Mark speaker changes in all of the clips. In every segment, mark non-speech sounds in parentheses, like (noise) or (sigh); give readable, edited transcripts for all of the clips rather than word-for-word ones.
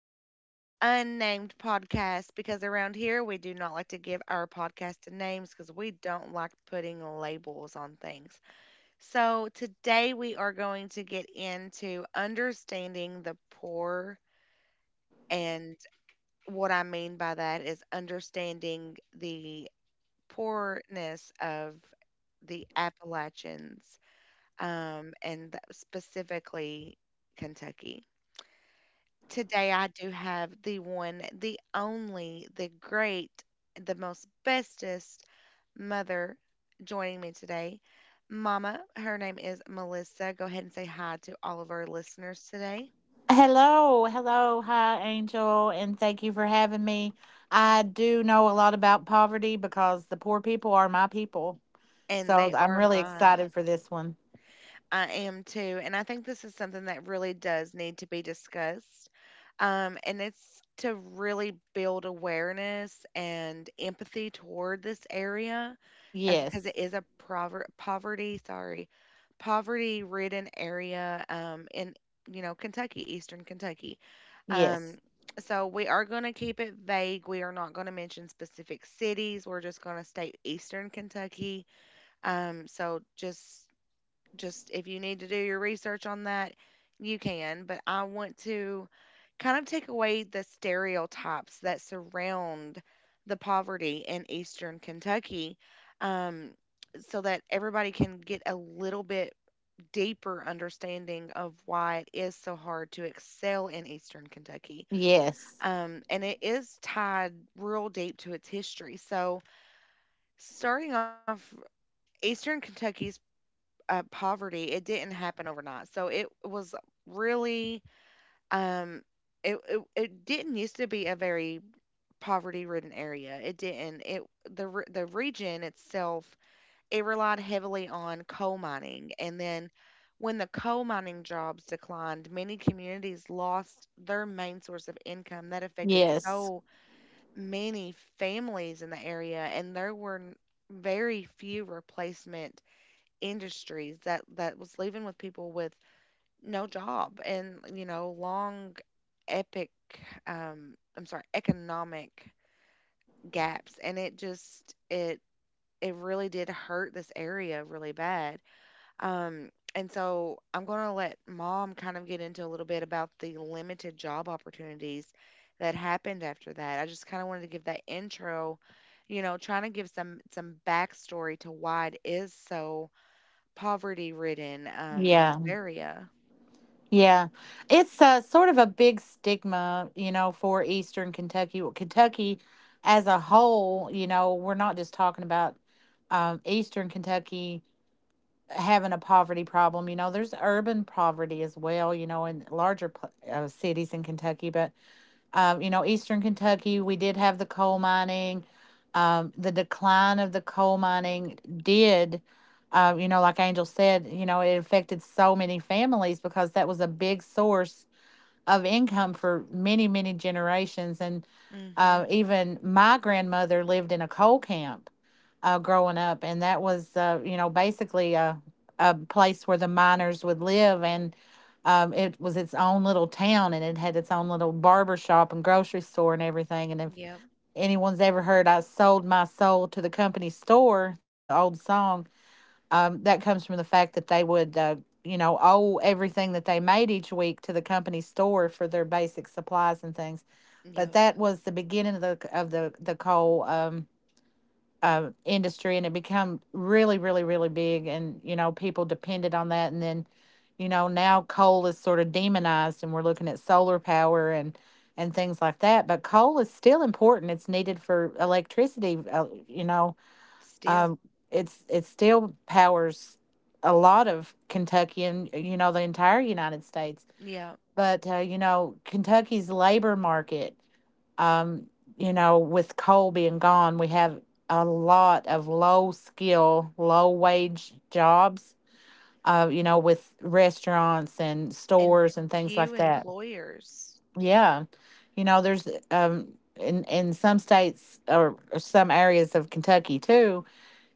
Speaker 1: to the unnamed podcast because around here we do not like to give our podcast a names, because we don't like putting labels on things. So today we are going to get into understanding the poor, and what I mean by that is understanding the poorness of the Appalachians, and specifically Kentucky. Today I do have the one, the only, the great, the most bestest mother joining me today. Mama, her name is Melissa. Go ahead and say hi to all of our listeners today.
Speaker 2: Hello, hello, hi, Angel, and thank you for having me. I do know a lot about poverty because the poor people are my people.
Speaker 1: And
Speaker 2: So
Speaker 1: they
Speaker 2: I'm
Speaker 1: are
Speaker 2: really
Speaker 1: mine.
Speaker 2: excited for this one.
Speaker 1: I am too. And I think this is something that really does need to be discussed. And it's to really build awareness and empathy toward this area, because it
Speaker 2: Yes,
Speaker 1: is a poverty, sorry, poverty ridden area, in, you know, Kentucky, Eastern Kentucky.
Speaker 2: yes,
Speaker 1: Um, so we are going to keep it vague. We are not going to mention specific cities. We're just going to state Eastern Kentucky. So just if you need to do your research on that, you can. But I want to kind of take away the stereotypes that surround the poverty in Eastern Kentucky, um, so that everybody can get a little bit deeper understanding of why it is so hard to excel in Eastern Kentucky.
Speaker 2: yes,
Speaker 1: And it is tied real deep to its history. So, starting off, Eastern Kentucky's poverty, it didn't happen overnight. So it was really, um, it didn't used to be a very poverty ridden area. It didn't. The region itself, it relied heavily on coal mining, and then when the coal mining jobs declined, many communities lost their main source of income. That affected
Speaker 2: yes.
Speaker 1: so many families in the area, and there were very few replacement industries. That was leaving with people with no job, and, you know, long epic I'm sorry economic gaps, and it just, it really did hurt this area really bad, um and so I'm going to let mom kind of get into a little bit about the limited job opportunities that happened after that. I just kind of wanted to give that intro, you know, trying to give some backstory to why it is so poverty ridden, in this
Speaker 2: Yeah,
Speaker 1: area.
Speaker 2: yeah. It's sort of a big stigma, for Eastern Kentucky. Well, Kentucky as a whole, we're not just talking about Eastern Kentucky having a poverty problem. There's urban poverty as well, in larger cities in Kentucky. But, Eastern Kentucky, we did have the coal mining. The decline of the coal mining did, like Angel said, it affected so many families because that was a big source of income for many, many generations. And
Speaker 1: Mhm.
Speaker 2: even my grandmother lived in a coal camp growing up, and that was, basically a place where the miners would live. And it was its own little town, and it had its own little barber shop and grocery store and everything. And if
Speaker 1: Yep.
Speaker 2: anyone's ever heard "I sold my soul to the company store," the old song that comes from the fact that they would, owe everything that they made each week to the company store for their basic supplies and things. But
Speaker 1: Yep.
Speaker 2: that was the beginning of the the coal industry, and it became really, really, really big. And people depended on that. And then, now coal is sort of demonized, and we're looking at solar power and things like that. But coal is still important. It's needed for electricity. You know,
Speaker 1: Still.
Speaker 2: um, it's it still powers a lot of Kentucky and, the entire United States.
Speaker 1: Yeah.
Speaker 2: But, Kentucky's labor market, um, with coal being gone, we have a lot of low skill, low wage jobs. With restaurants and
Speaker 1: And
Speaker 2: stores and things
Speaker 1: few
Speaker 2: like that.
Speaker 1: employers.
Speaker 2: Yeah, there's in some states, or some areas of Kentucky too,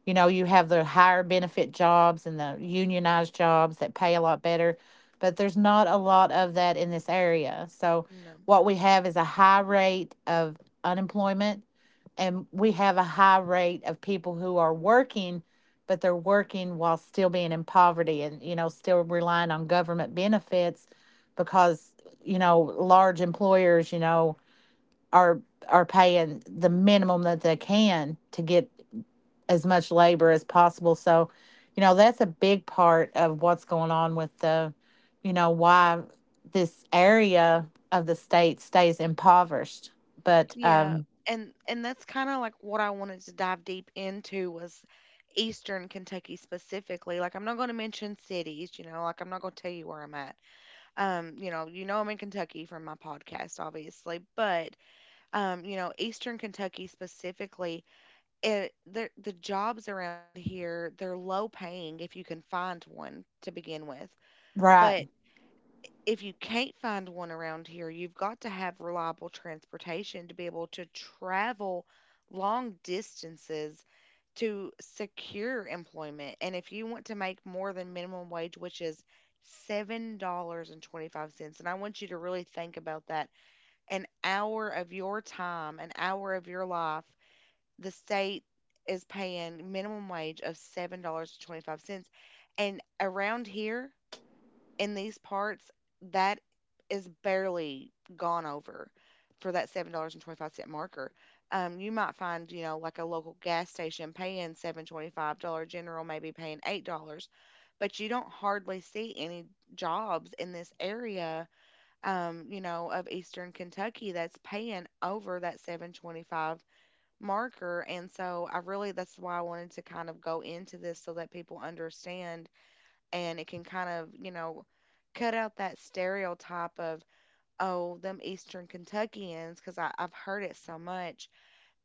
Speaker 2: you have the higher benefit jobs and the unionized jobs that pay a lot better, but there's not a lot of that in this area. So,
Speaker 1: No.
Speaker 2: what we have is a high rate of unemployment, and we have a high rate of people who are working, but they're working while still being in poverty and, still relying on government benefits because, large employers, are are paying the minimum that they can to get as much labor as possible. So, that's a big part of what's going on with why this area of the state stays impoverished. But,
Speaker 1: Yeah. And that's kind of like what I wanted to dive deep into was Eastern Kentucky specifically. Like I'm not going to mention cities, you know, like I'm not going to tell you where I'm at. You know, you know I'm in Kentucky from my podcast obviously, but you know, Eastern Kentucky specifically, it the jobs around here, they're low paying if you can find one to begin with.
Speaker 2: right,
Speaker 1: But if you can't find one around here, you've got to have reliable transportation to be able to travel long distances to secure employment. And if you want to make more than minimum wage, which is $7.25, and I want you to really think about that. An hour of your time, an hour of your life, the state is paying minimum wage of $7.25, and around here in these parts, that is barely gone over, for that $7.25 marker. You might find, you know, like a local gas station paying 7.25, dollar general maybe paying $8, but you don't hardly see any jobs in this area, you know, of Eastern Kentucky that's paying over that 7.25 marker. And so I really, that's why I wanted to kind of go into this so that people understand, and it can kind of, you know, cut out that stereotype of, oh, them Eastern Kentuckians, because I've heard it so much.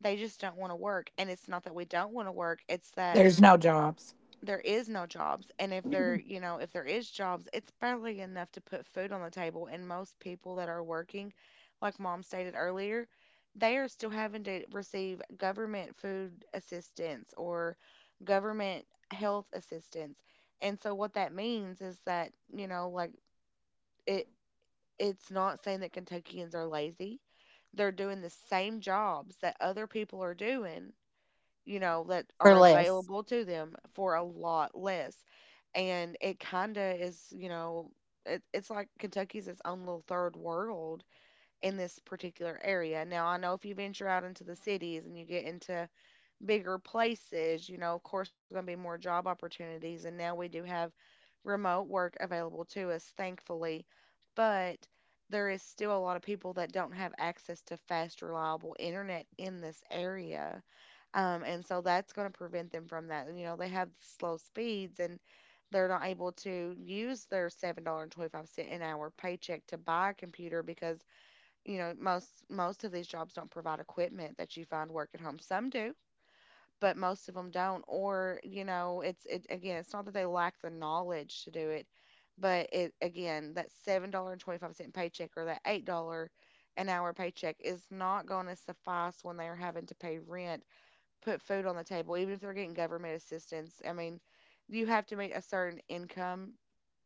Speaker 1: They just don't want to work. And it's not that we don't want to work, it's that
Speaker 2: there's no jobs
Speaker 1: there is no jobs. And if there, you know, if there is jobs, it's barely enough to put food on the table. And most people that are working, like mom stated earlier, they are still having to receive government food assistance or government health assistance. And so what that means is that, you know, like, it, it's not saying that Kentuckians are lazy. They're doing the same jobs that other people are doing, you know, that
Speaker 2: for
Speaker 1: are
Speaker 2: less.
Speaker 1: available to them for a lot less. And it kind of is, you know, it's like Kentucky's its own little third world in this particular area. Now, I know if you venture out into the cities and you get into bigger places, you know, of course, there's going to be more job opportunities. And now we do have remote work available to us, thankfully. But there is still a lot of people that don't have access to fast, reliable internet in this area. And so that's going to prevent them from that. You know, they have slow speeds, and they're not able to use their $7.25 an hour paycheck to buy a computer, because, you know, most of these jobs don't provide equipment that you find work at home. Some do, but most of them don't. Or, you know, it again, it's not that they lack the knowledge to do it, but, it again, that $7.25 paycheck or that $8 an hour paycheck is not going to suffice when they're having to pay rent, put food on the table, even if they're getting government assistance. I mean, you have to make a certain income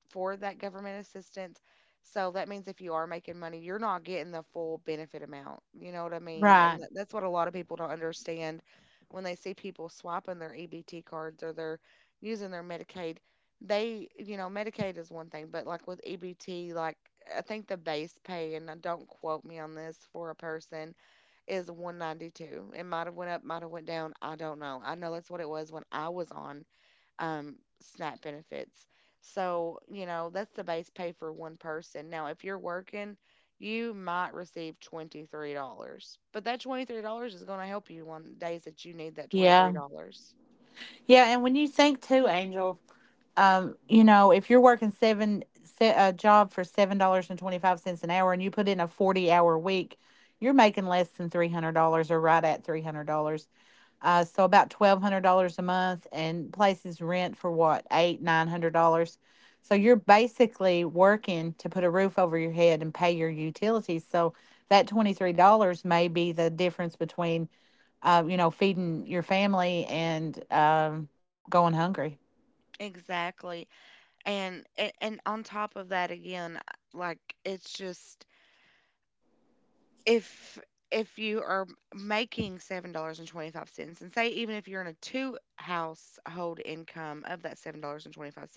Speaker 1: for that government assistance. So that means if you are making money, you're not getting the full benefit amount. You know what I mean? And
Speaker 2: Right.
Speaker 1: that's what a lot of people don't understand when they see people swapping their EBT cards or they're using their Medicaid. They, you know, Medicaid is one thing, but like with EBT, like, I think the base pay, and, don't quote me on this, for a person is 192. It might have went up, might have went down. I don't know. I know that's what it was when I was on, um, SNAP benefits. So, you know, that's the base pay for one person. Now, if you're working, you might receive $23, but that $23 is going to help you on days that you need that twenty three
Speaker 2: Yeah.
Speaker 1: dollars.
Speaker 2: Yeah. And when you think too, Angel, if you're working a job for $7.25 an hour, and you put in a 40-hour week, you're making less than $300, or right at $300. So about $1,200 a month, and places rent for what, eight nine hundred dollars. So you're basically working to put a roof over your head and pay your utilities. So that $23 may be the difference between, feeding your family and, going hungry.
Speaker 1: Exactly. And on top of that again, like, it's just, if if you are making $7.25 and 25 cents, and say even if you're in a two household income of that $7.25,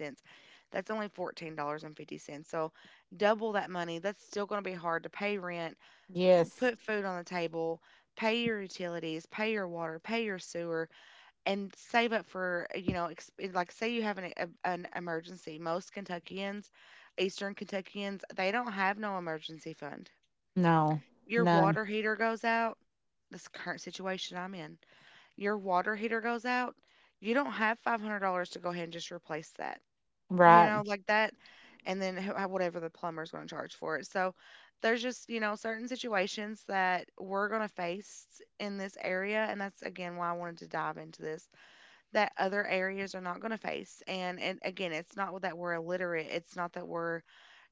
Speaker 1: that's only $14.50, so double that money, that's still going to be hard to pay rent,
Speaker 2: Yes.
Speaker 1: put food on the table, pay your utilities, pay your water, pay your sewer, and save up for, you know, like say you have an emergency. Most Kentuckians, Eastern Kentuckians, they don't have no emergency fund.
Speaker 2: No,
Speaker 1: Your
Speaker 2: none.
Speaker 1: water heater goes out, this current situation I'm in, your water heater goes out, you don't have $500 to go ahead and just replace that, you
Speaker 2: Right,
Speaker 1: know, like that. And then whatever the plumber's going to charge for it. So there's just, you know, certain situations that we're going to face in this area. And that's, again, why I wanted to dive into this, that other areas are not going to face. And again, it's not that we're illiterate. It's not that we're,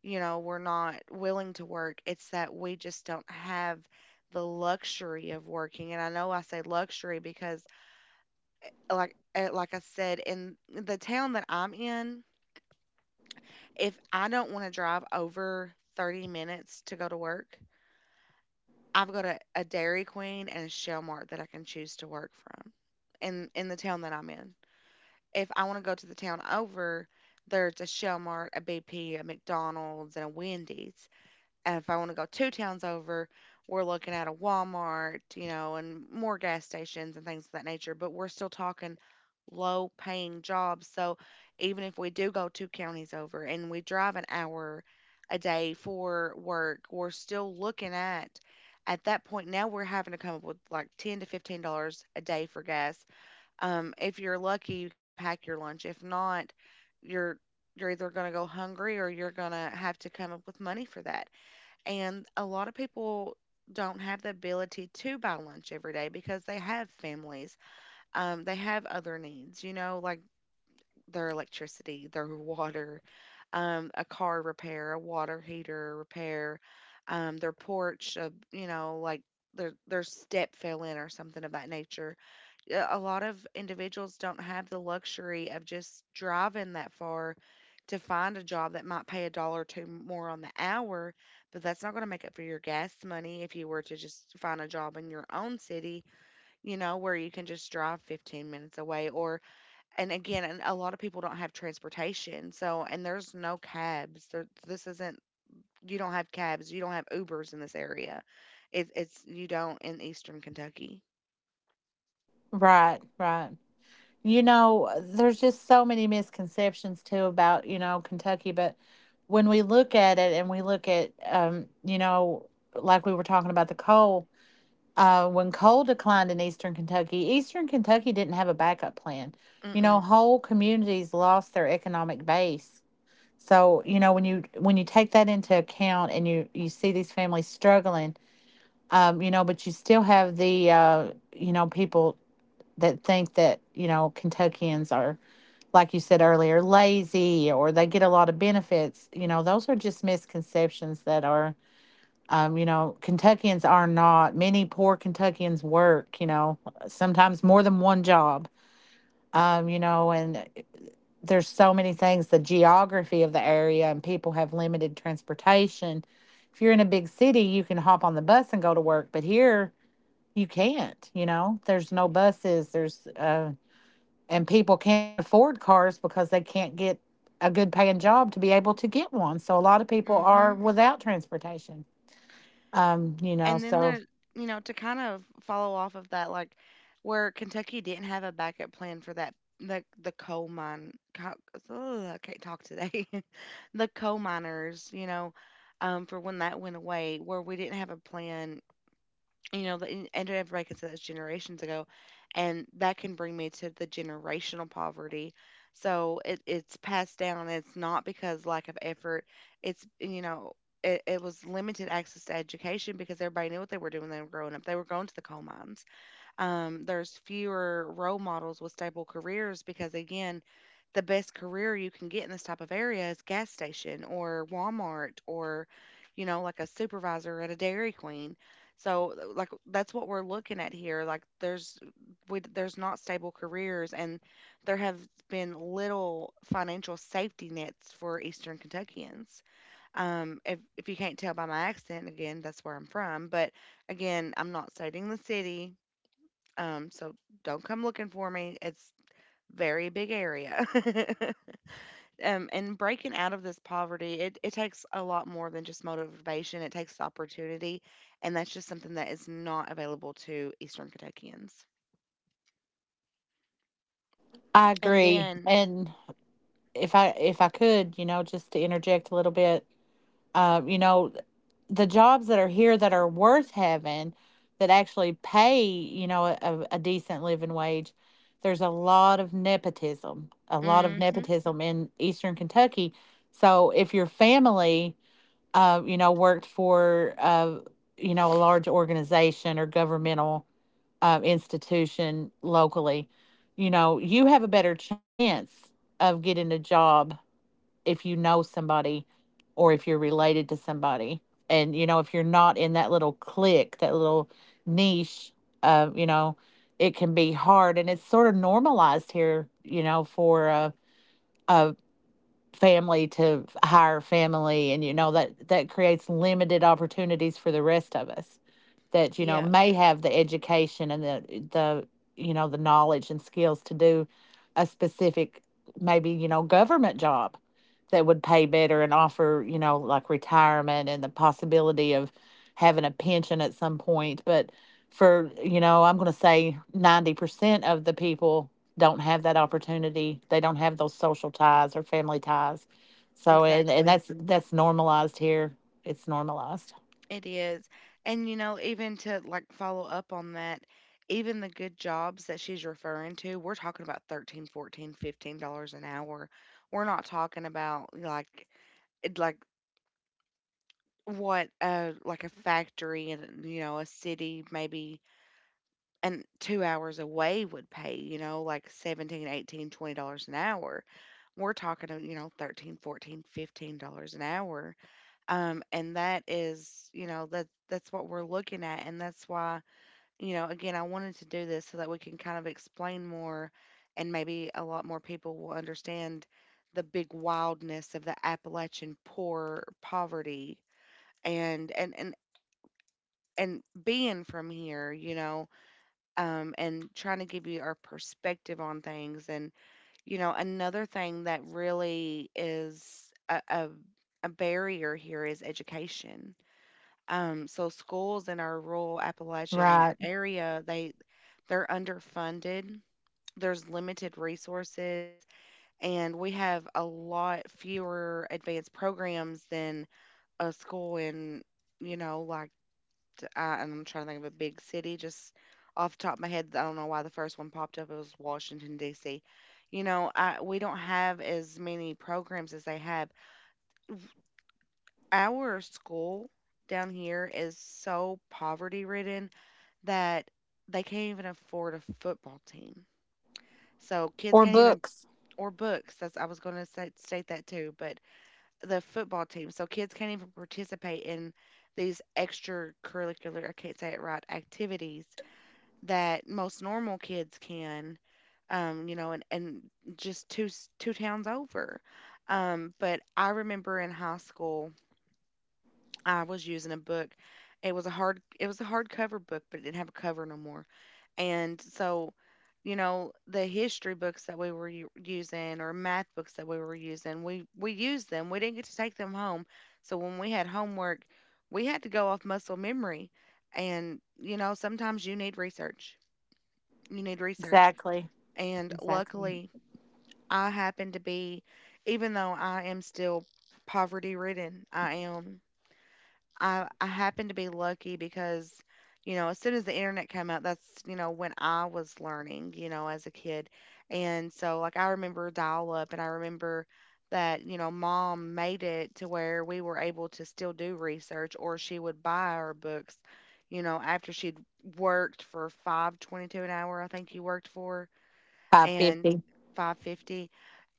Speaker 1: you know, we're not willing to work. It's that we just don't have the luxury of working. And I know I say luxury, because, like, like I said, in the town that I'm in, if I don't want to drive over 30 minutes to go to work, I've got a Dairy Queen and a Shell Mart that I can choose to work from in the town that I'm in. If I want to go to the town over, there's a Shell Mart, a BP, a McDonald's, and a Wendy's. And if I want to go two towns over, we're looking at a Walmart, you know, and more gas stations and things of that nature. But we're still talking low paying jobs. So even if we do go two counties over and we drive an hour a day for work, we're still looking at that point, now we're having to come up with like $10 to $15 a day for gas, if you're lucky, you can pack your lunch. If not, you're you're either going to go hungry or you're going to have to come up with money for that. And a lot of people don't have the ability to buy lunch every day, because they have families. They have other needs, you know, like their electricity, their (laughs) water, a car repair, a water heater repair, their porch, you know, like their step fell in or something of that nature. A lot of individuals don't have the luxury of just driving that far to find a job that might pay a dollar or two more on the hour, but that's not going to make up for your gas money if you were to just find a job in your own city, you know, where you can just drive 15 minutes away. Or, and again, and a lot of people don't have transportation. So, and there's no cabs. There, this isn't, you don't have cabs, you don't have Ubers in this area. You don't in Eastern Kentucky.
Speaker 2: right, right. There's just so many misconceptions too about, Kentucky, but when we look at it and we look at, like we were talking about the coal, when coal declined in Eastern Kentucky, Eastern Kentucky didn't have a backup plan. You know,
Speaker 1: Mm-mm.
Speaker 2: whole communities lost their economic base. So, when you take that into account and you see these families struggling, but you still have the, people that think that, Kentuckians are, like you said earlier, lazy or they get a lot of benefits. Those are just misconceptions that are, Kentuckians are not, many poor Kentuckians work, sometimes more than one job. And there's so many things, the geography of the area, and people have limited transportation. If you're in a big city, you can hop on the bus and go to work. But here, you can't, there's no buses, there's and people can't afford cars because they can't get a good paying job to be able to get one, so a lot of people are without transportation,
Speaker 1: And then
Speaker 2: so.
Speaker 1: there, you know, to kind of follow off of that, like where Kentucky didn't have a backup plan for that, the coal mine. I can't talk today. (laughs) The coal miners, you know, for when that went away, where we didn't have a plan, you know, and everybody could say that's generations ago, and that can bring me to the generational poverty. So it's passed down. It's not because lack of effort. It's, you know, it was limited access to education because everybody knew what they were doing when they were growing up. They were going to the coal mines. There's fewer role models with stable careers because, again, the best career you can get in this type of area is gas station or Walmart, or you know, like a supervisor at a Dairy Queen. So like that's what we're looking at here. Like there's not stable careers, and there have been little financial safety nets for Eastern Kentuckians. If you can't tell by my accent, again, that's where I'm from, but again, I'm not stating the city. So don't come looking for me. It's very big area. (laughs) And breaking out of this poverty, it takes a lot more than just motivation. It takes opportunity, and that's just something that is not available to Eastern Kentuckians.
Speaker 2: I
Speaker 1: And
Speaker 2: agree.
Speaker 1: then,
Speaker 2: And if I could, just to interject a little bit, uh, you know, the jobs that are here that are worth having, that actually pay, a decent living wage, there's a lot of nepotism, a lot of
Speaker 1: hmm,
Speaker 2: nepotism in Eastern Kentucky. So if your family, worked for, a large organization or governmental, institution locally, you have a better chance of getting a job if you know somebody or if you're related to somebody. And, if you're not in that little clique, that little niche, uh, you know, it can be hard. And it's sort of normalized here, for uh, family to hire family, and you know that that creates limited opportunities for the rest of us that
Speaker 1: yeah,
Speaker 2: may have the education and the the knowledge and skills to do a specific, maybe government job that would pay better and offer, like retirement and the possibility of having a pension at some point. But for, I'm going to say 90% of the people don't have that opportunity. They don't have those social ties or family ties. So and
Speaker 1: exactly.
Speaker 2: that's normalized here. It's normalized.
Speaker 1: It is. And you know, even to like follow up on that, even the good jobs that she's referring to, we're talking about 13, 14, $15 an hour. We're not talking about like what like a factory in, you know, a city maybe and 2 hours away would pay, you know, like 17, 18, $20 an hour. We're talking of, you know, 13, 14, $15 an hour. And that is, you know, that's what we're looking at, and that's why, you know, again, I wanted to do this so that we can kind of explain more, and maybe a lot more people will understand the big wildness of the Appalachian poor poverty. And and and and being from here, you know. And trying to give you our perspective on things. And you know, another thing that really is a barrier here is education. So schools in our rural Appalachian
Speaker 2: Right.
Speaker 1: area, they they're underfunded. There's limited resources, and we have a lot fewer advanced programs than a school in, you know, like and I'm trying to think of a big city. Just off the top of my head, I don't know why the first one popped up. It was Washington D.C. You know, we don't have as many programs as they have. Our school down here is so poverty ridden that they can't even afford a football team. So kids
Speaker 2: Or
Speaker 1: can't even,
Speaker 2: books.
Speaker 1: or books. That's, I was going to say, state that too, but the football team. So kids can't even participate in these extracurricular, I can't say it right, activities that most normal kids can. You know, and just two towns over. But I remember in high school I was using a book. It was a hardcover book, but it didn't have a cover no more. And so, you know, the history books that we were using, or math books that we were using, we used them. We didn't get to take them home. So when we had homework, we had to go off muscle memory. And, you know, sometimes you need research. You need research.
Speaker 2: Exactly.
Speaker 1: And
Speaker 2: Exactly.
Speaker 1: luckily, I happen to be even though I am still poverty ridden, I happened to be lucky because, you know, as soon as the internet came out, that's, you know, when I was learning, you know, as a kid. And so like I remember dial up, and I remember that, you know, mom made it to where we were able to still do research, or she would buy our books, you know, after she'd worked for 5.22 an hour, I think you worked for, and
Speaker 2: 550.
Speaker 1: 5.50,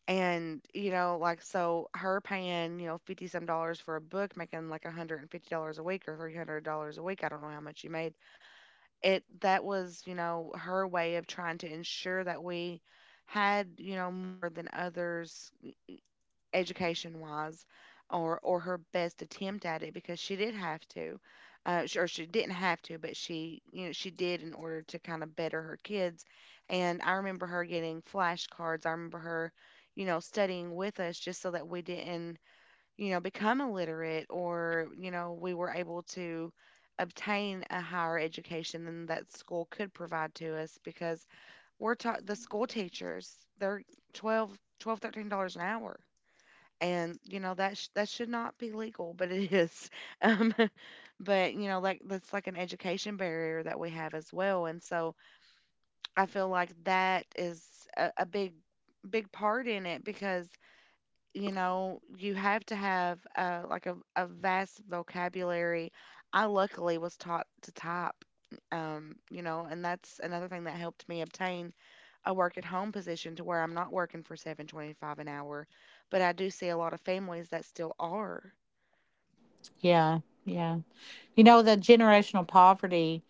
Speaker 1: and, you know, like, so her paying, you know, 50 some dollars for a book, making like $150 a week or $300 a week. I don't know how much she made. That was, you know, her way of trying to ensure that we had, you know, more than others education wise, or her best attempt at it, because she did have to sh- or she didn't have to, but she, you know, she did, in order to kind of better her kids. And I remember her getting flashcards, I remember her, you know, studying with us just so that we didn't, you know, become illiterate, or you know, we were able to obtain a higher education than that school could provide to us, because we're taught the school teachers, they're twelve twelve, thirteen dollars an hour. And you know that that should not be legal, but it is. (laughs) Um, (laughs) but you know, like, that's like an education barrier that we have as well, and so I feel like that is a big big part in it because, you know, you have to have like a vast vocabulary. I luckily was taught to type, you know, and that's another thing that helped me obtain a work at home position to where I'm not working for 7.25 an hour, but I do see a lot of families that still are.
Speaker 2: Yeah. Yeah. The generational poverty,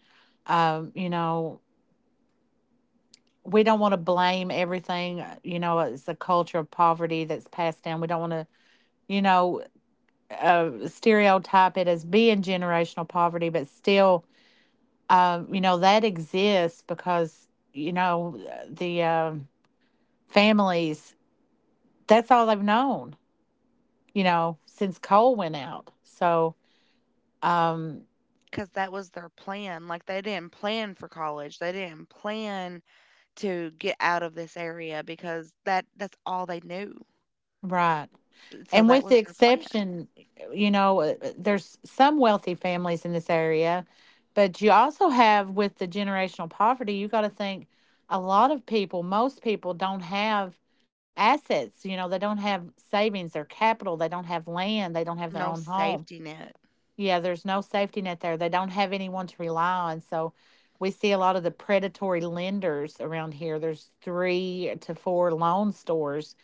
Speaker 2: um, you know, we don't want to blame everything. It's a culture of poverty that's passed down. We don't want to, you know, stereotype it as being generational poverty, but still, that exists because you know the families, that's all they've known, since coal went out, so um
Speaker 1: Cuz that was their plan. Like they didn't plan for college. They didn't plan to get out of this area because that's all they knew.
Speaker 2: right.
Speaker 1: So
Speaker 2: And
Speaker 1: that
Speaker 2: with
Speaker 1: was
Speaker 2: the
Speaker 1: their plan.
Speaker 2: exception, there's some wealthy families in this area, but you also have, with the generational poverty, you got to think, a lot of people, most people don't have assets. They don't have savings or capital. They don't have land. They don't have their
Speaker 1: No
Speaker 2: own home.
Speaker 1: safety net.
Speaker 2: Yeah, there's no safety net there. They don't have anyone to rely on. So we see a lot of the predatory lenders around here. There's three to four loan stores,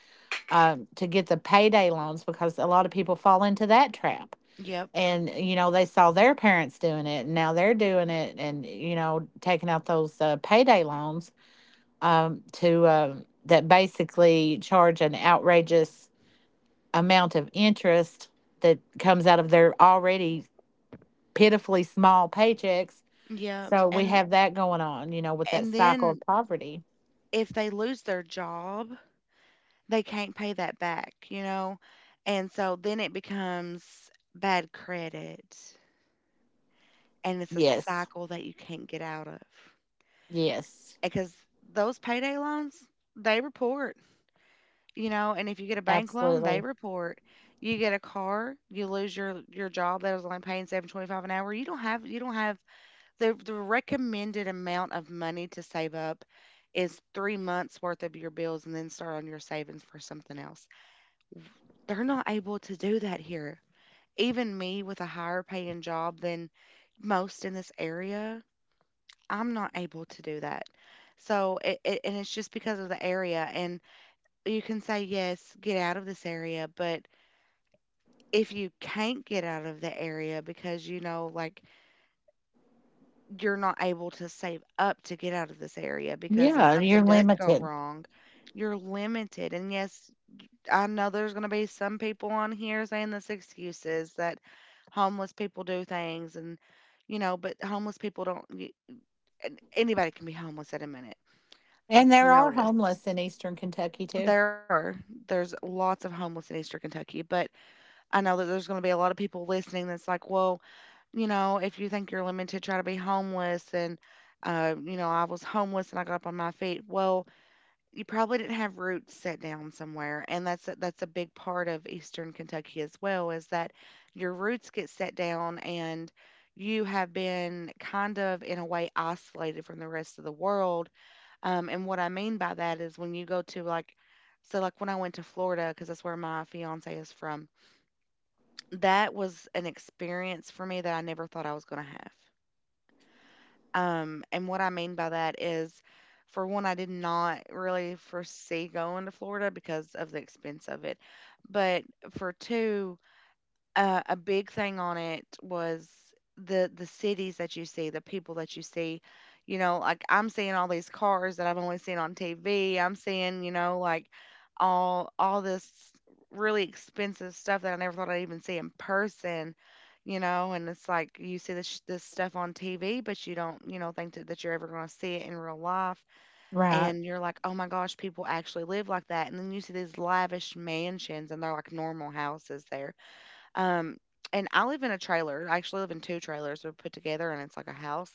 Speaker 2: to get the payday loans because a lot of people fall into that trap.
Speaker 1: Yep.
Speaker 2: And, they saw their parents doing it and now they're doing it and, taking out those, payday loans, to that basically charge an outrageous amount of interest that comes out of their already pitifully small paychecks.
Speaker 1: Yep.
Speaker 2: So we have that going on, with that
Speaker 1: And
Speaker 2: cycle of
Speaker 1: then
Speaker 2: poverty.
Speaker 1: if they lose their job, they can't pay that back, you know? And so then it becomes bad credit, and it's a
Speaker 2: Yes.
Speaker 1: cycle that you can't get out of,
Speaker 2: Yes.
Speaker 1: because those payday loans, they report, you know, and if you get a bank loan, they
Speaker 2: Absolutely.
Speaker 1: report, you get a car, you lose your job that was only paying 7.25 an hour, you don't have, you don't have the recommended amount of money to save up is 3 months worth of your bills, and then start on your savings for something else. They're not able to do that here. Even me with a higher paying job than most in this area, I'm not able to do that. So, and it's just because of the area. And you can say, yes, get out of this area. But if you can't get out of the area because, you know, like, you're not able to save up to get out of this area, because if
Speaker 2: Yeah, you're
Speaker 1: something does go
Speaker 2: limited.
Speaker 1: wrong, you're limited. And yes, I know there's going to be some people on here saying this excuses that homeless people do things, and, you know, but homeless people don't, anybody can be homeless at a minute.
Speaker 2: And
Speaker 1: It's
Speaker 2: there are
Speaker 1: noticed.
Speaker 2: homeless in Eastern Kentucky too.
Speaker 1: There are. There's lots of homeless in Eastern Kentucky, but I know that there's going to be a lot of people listening that's like, well, you know, if you think you're limited, try to be homeless. And, you know, I was homeless and I got up on my feet. Well, you probably didn't have roots set down somewhere, and that's a big part of Eastern Kentucky as well, is that your roots get set down and you have been kind of in a way isolated from the rest of the world. And what I mean by that is when you go to like, so like when I went to Florida, because that's where my fiance is from, that was an experience for me that I never thought I was going to have. And what I mean by that is, for one, I did not really foresee going to Florida because of the expense of it. But for two, a big thing on it was the cities that you see, the people that you see. You know, like I'm seeing all these cars that I've only seen on TV. I'm seeing, like all this really expensive stuff that I never thought I'd even see in person. And it's like you see this stuff on TV, but you don't, think that you're ever going to see it in real life.
Speaker 2: Right.
Speaker 1: And you're like, oh my gosh, people actually live like that. And then you see these lavish mansions, and they're like normal houses there. um, and I live in a trailer. I actually live in two trailers. They're put together and it's like a house.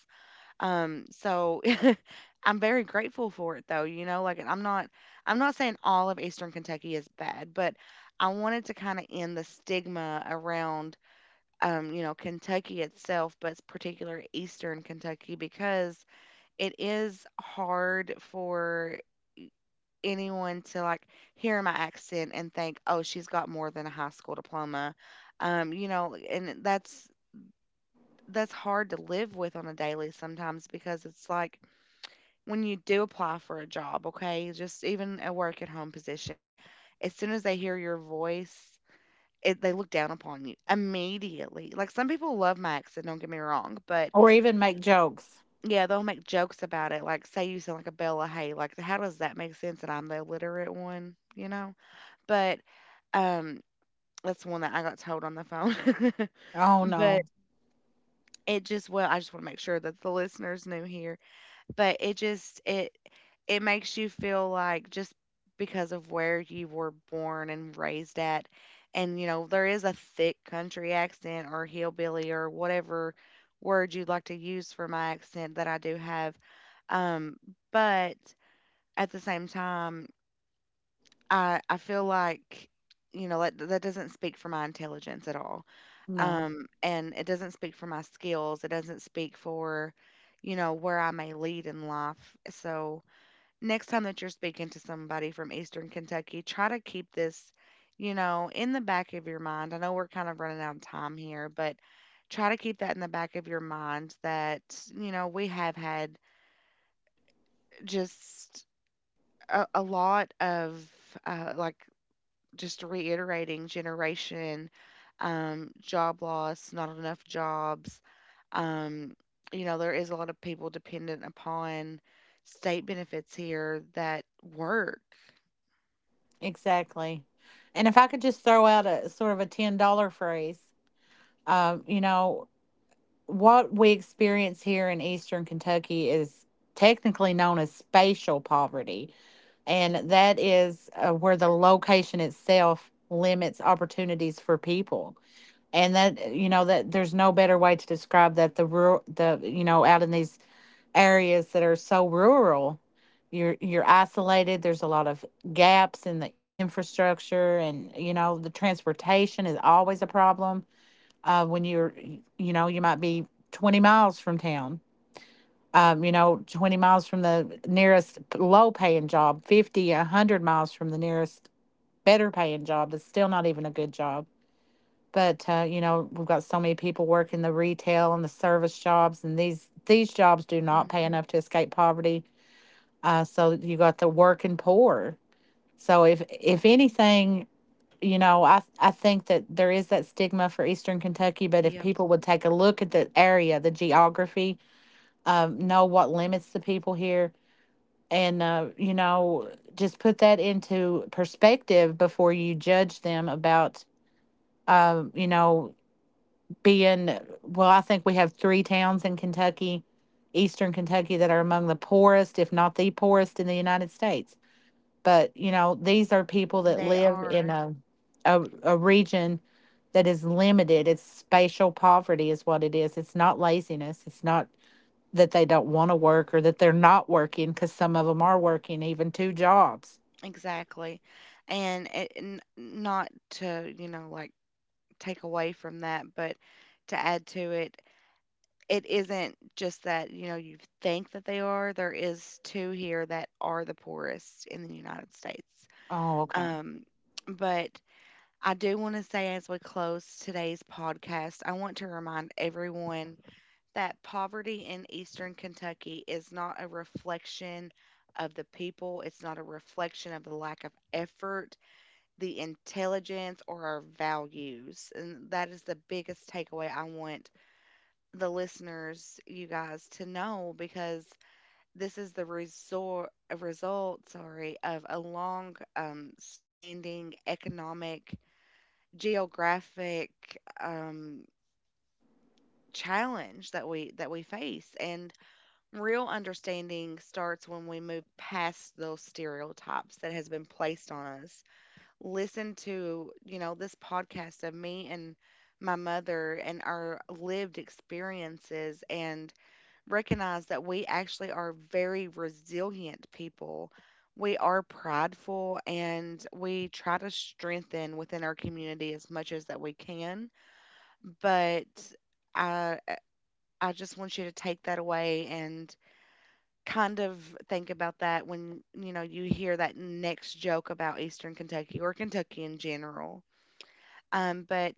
Speaker 1: So (laughs) I'm very grateful for it though, like. And I'm not saying all of Eastern Kentucky is bad, but I wanted to kind of end the stigma around, Kentucky itself, but particular Eastern Kentucky because it is hard for anyone to like hear my accent and think, "Oh, she's got more than a high school diploma." And that's hard to live with on a daily sometimes, because it's like when you do apply for a job, okay, just even a work at home position, as soon as they hear your voice, they look down upon you immediately. Like, some people love my accent, don't get me wrong, but
Speaker 2: Or even make jokes.
Speaker 1: yeah, they'll make jokes about it. Like, say you sound like a Bella Hay. Like, how does that make sense that I'm the illiterate one, But, um, that's one that I got told on the phone. (laughs)
Speaker 2: Oh
Speaker 1: But
Speaker 2: no.
Speaker 1: it just well, I just wanna make sure that the listener's new here, but it just it it makes you feel like, just because of where you were born and raised at, and, there is a thick country accent or hillbilly or whatever word you'd like to use for my accent that I do have, um, but at the same time I feel like, that that doesn't speak for my intelligence at all.
Speaker 2: No.
Speaker 1: And it doesn't speak for my skills. It doesn't speak for, where I may lead in life. So next time that you're speaking to somebody from Eastern Kentucky, try to keep this, in the back of your mind. I know we're kind of running out of time here, but try to keep that in the back of your mind that, we have had just a lot of, like, just reiterating generation, job loss, not enough jobs. Um, there is a lot of people dependent upon state benefits here that work.
Speaker 2: Exactly. And if I could just throw out a sort of a $10 phrase, um, you know, what we experience here in Eastern Kentucky is technically known as spatial poverty. And that is, where the location itself limits opportunities for people. And that, that there's no better way to describe that the rural, the, out in these areas that are so rural, you're isolated. There's a lot of gaps in the infrastructure and, the transportation is always a problem. When you might be 20 miles from town, 20 miles from the nearest low paying job, 50, 100 miles from the nearest better paying job that's still not even a good job. But, we've got so many people working the retail and the service jobs, and these jobs do not pay
Speaker 1: Hmm.
Speaker 2: enough to escape poverty. So you got the working poor. So if anything, I think that there is that stigma for Eastern Kentucky, but if
Speaker 1: Yep,
Speaker 2: people would take a look at the area, the geography, know what limits the people here, and just put that into perspective before you judge them about. You know being Well, I think we have three towns in Kentucky, Eastern Kentucky, that are among the poorest, if not the poorest, in the United States. But, these are people that
Speaker 1: they
Speaker 2: live in
Speaker 1: are.
Speaker 2: a region that is limited. It's spatial poverty, is what it is. It's not laziness. It's not that they don't want to work or that they're not working, because some of them are working even two jobs.
Speaker 1: Exactly, and not to, like, take away from that, but to add to it, it isn't just that, you think that they are. There is two here that are the poorest in the United States.
Speaker 2: Oh, okay.
Speaker 1: Um, but I do want to say, as we close today's podcast, I want to remind everyone that poverty in Eastern Kentucky is not a reflection of the people. It's not a reflection of the lack of effort, the intelligence, or our values. And that is the biggest takeaway I want the listeners, you guys, to know, because this is the resor a result, sorry, of a long, standing economic, geographic, um, challenge that we face. And real understanding starts when we move past those stereotypes that has been placed on us. Listen to, this podcast of me and my mother and our lived experiences, and recognize that we actually are very resilient people. We are prideful and we try to strengthen within our community as much as that we can. But I I just want you to take that away and kind of think about that when you hear that next joke about Eastern Kentucky or Kentucky in general. But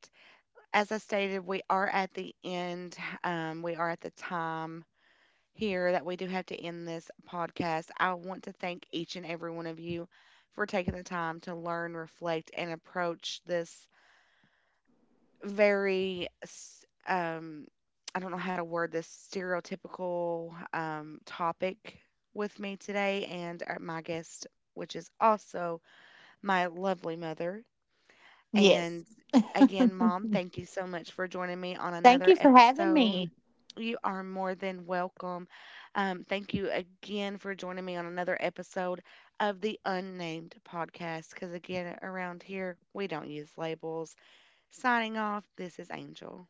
Speaker 1: as I stated, we are at the end. We are at the time here that we do have to end this podcast. I want to thank each and every one of you for taking the time to learn, reflect, and approach this very, I don't know how to word this, stereotypical, topic with me today and, my guest, which is also my lovely mother.
Speaker 2: Yes.
Speaker 1: And again, Mom, thank you so much for joining me on
Speaker 2: Thank
Speaker 1: another
Speaker 2: you for having
Speaker 1: episode.
Speaker 2: me.
Speaker 1: You are more than welcome. Thank you again for joining me on another episode of the Unnamed Podcast. Because again, around here, we don't use labels. Signing off, this is Angel.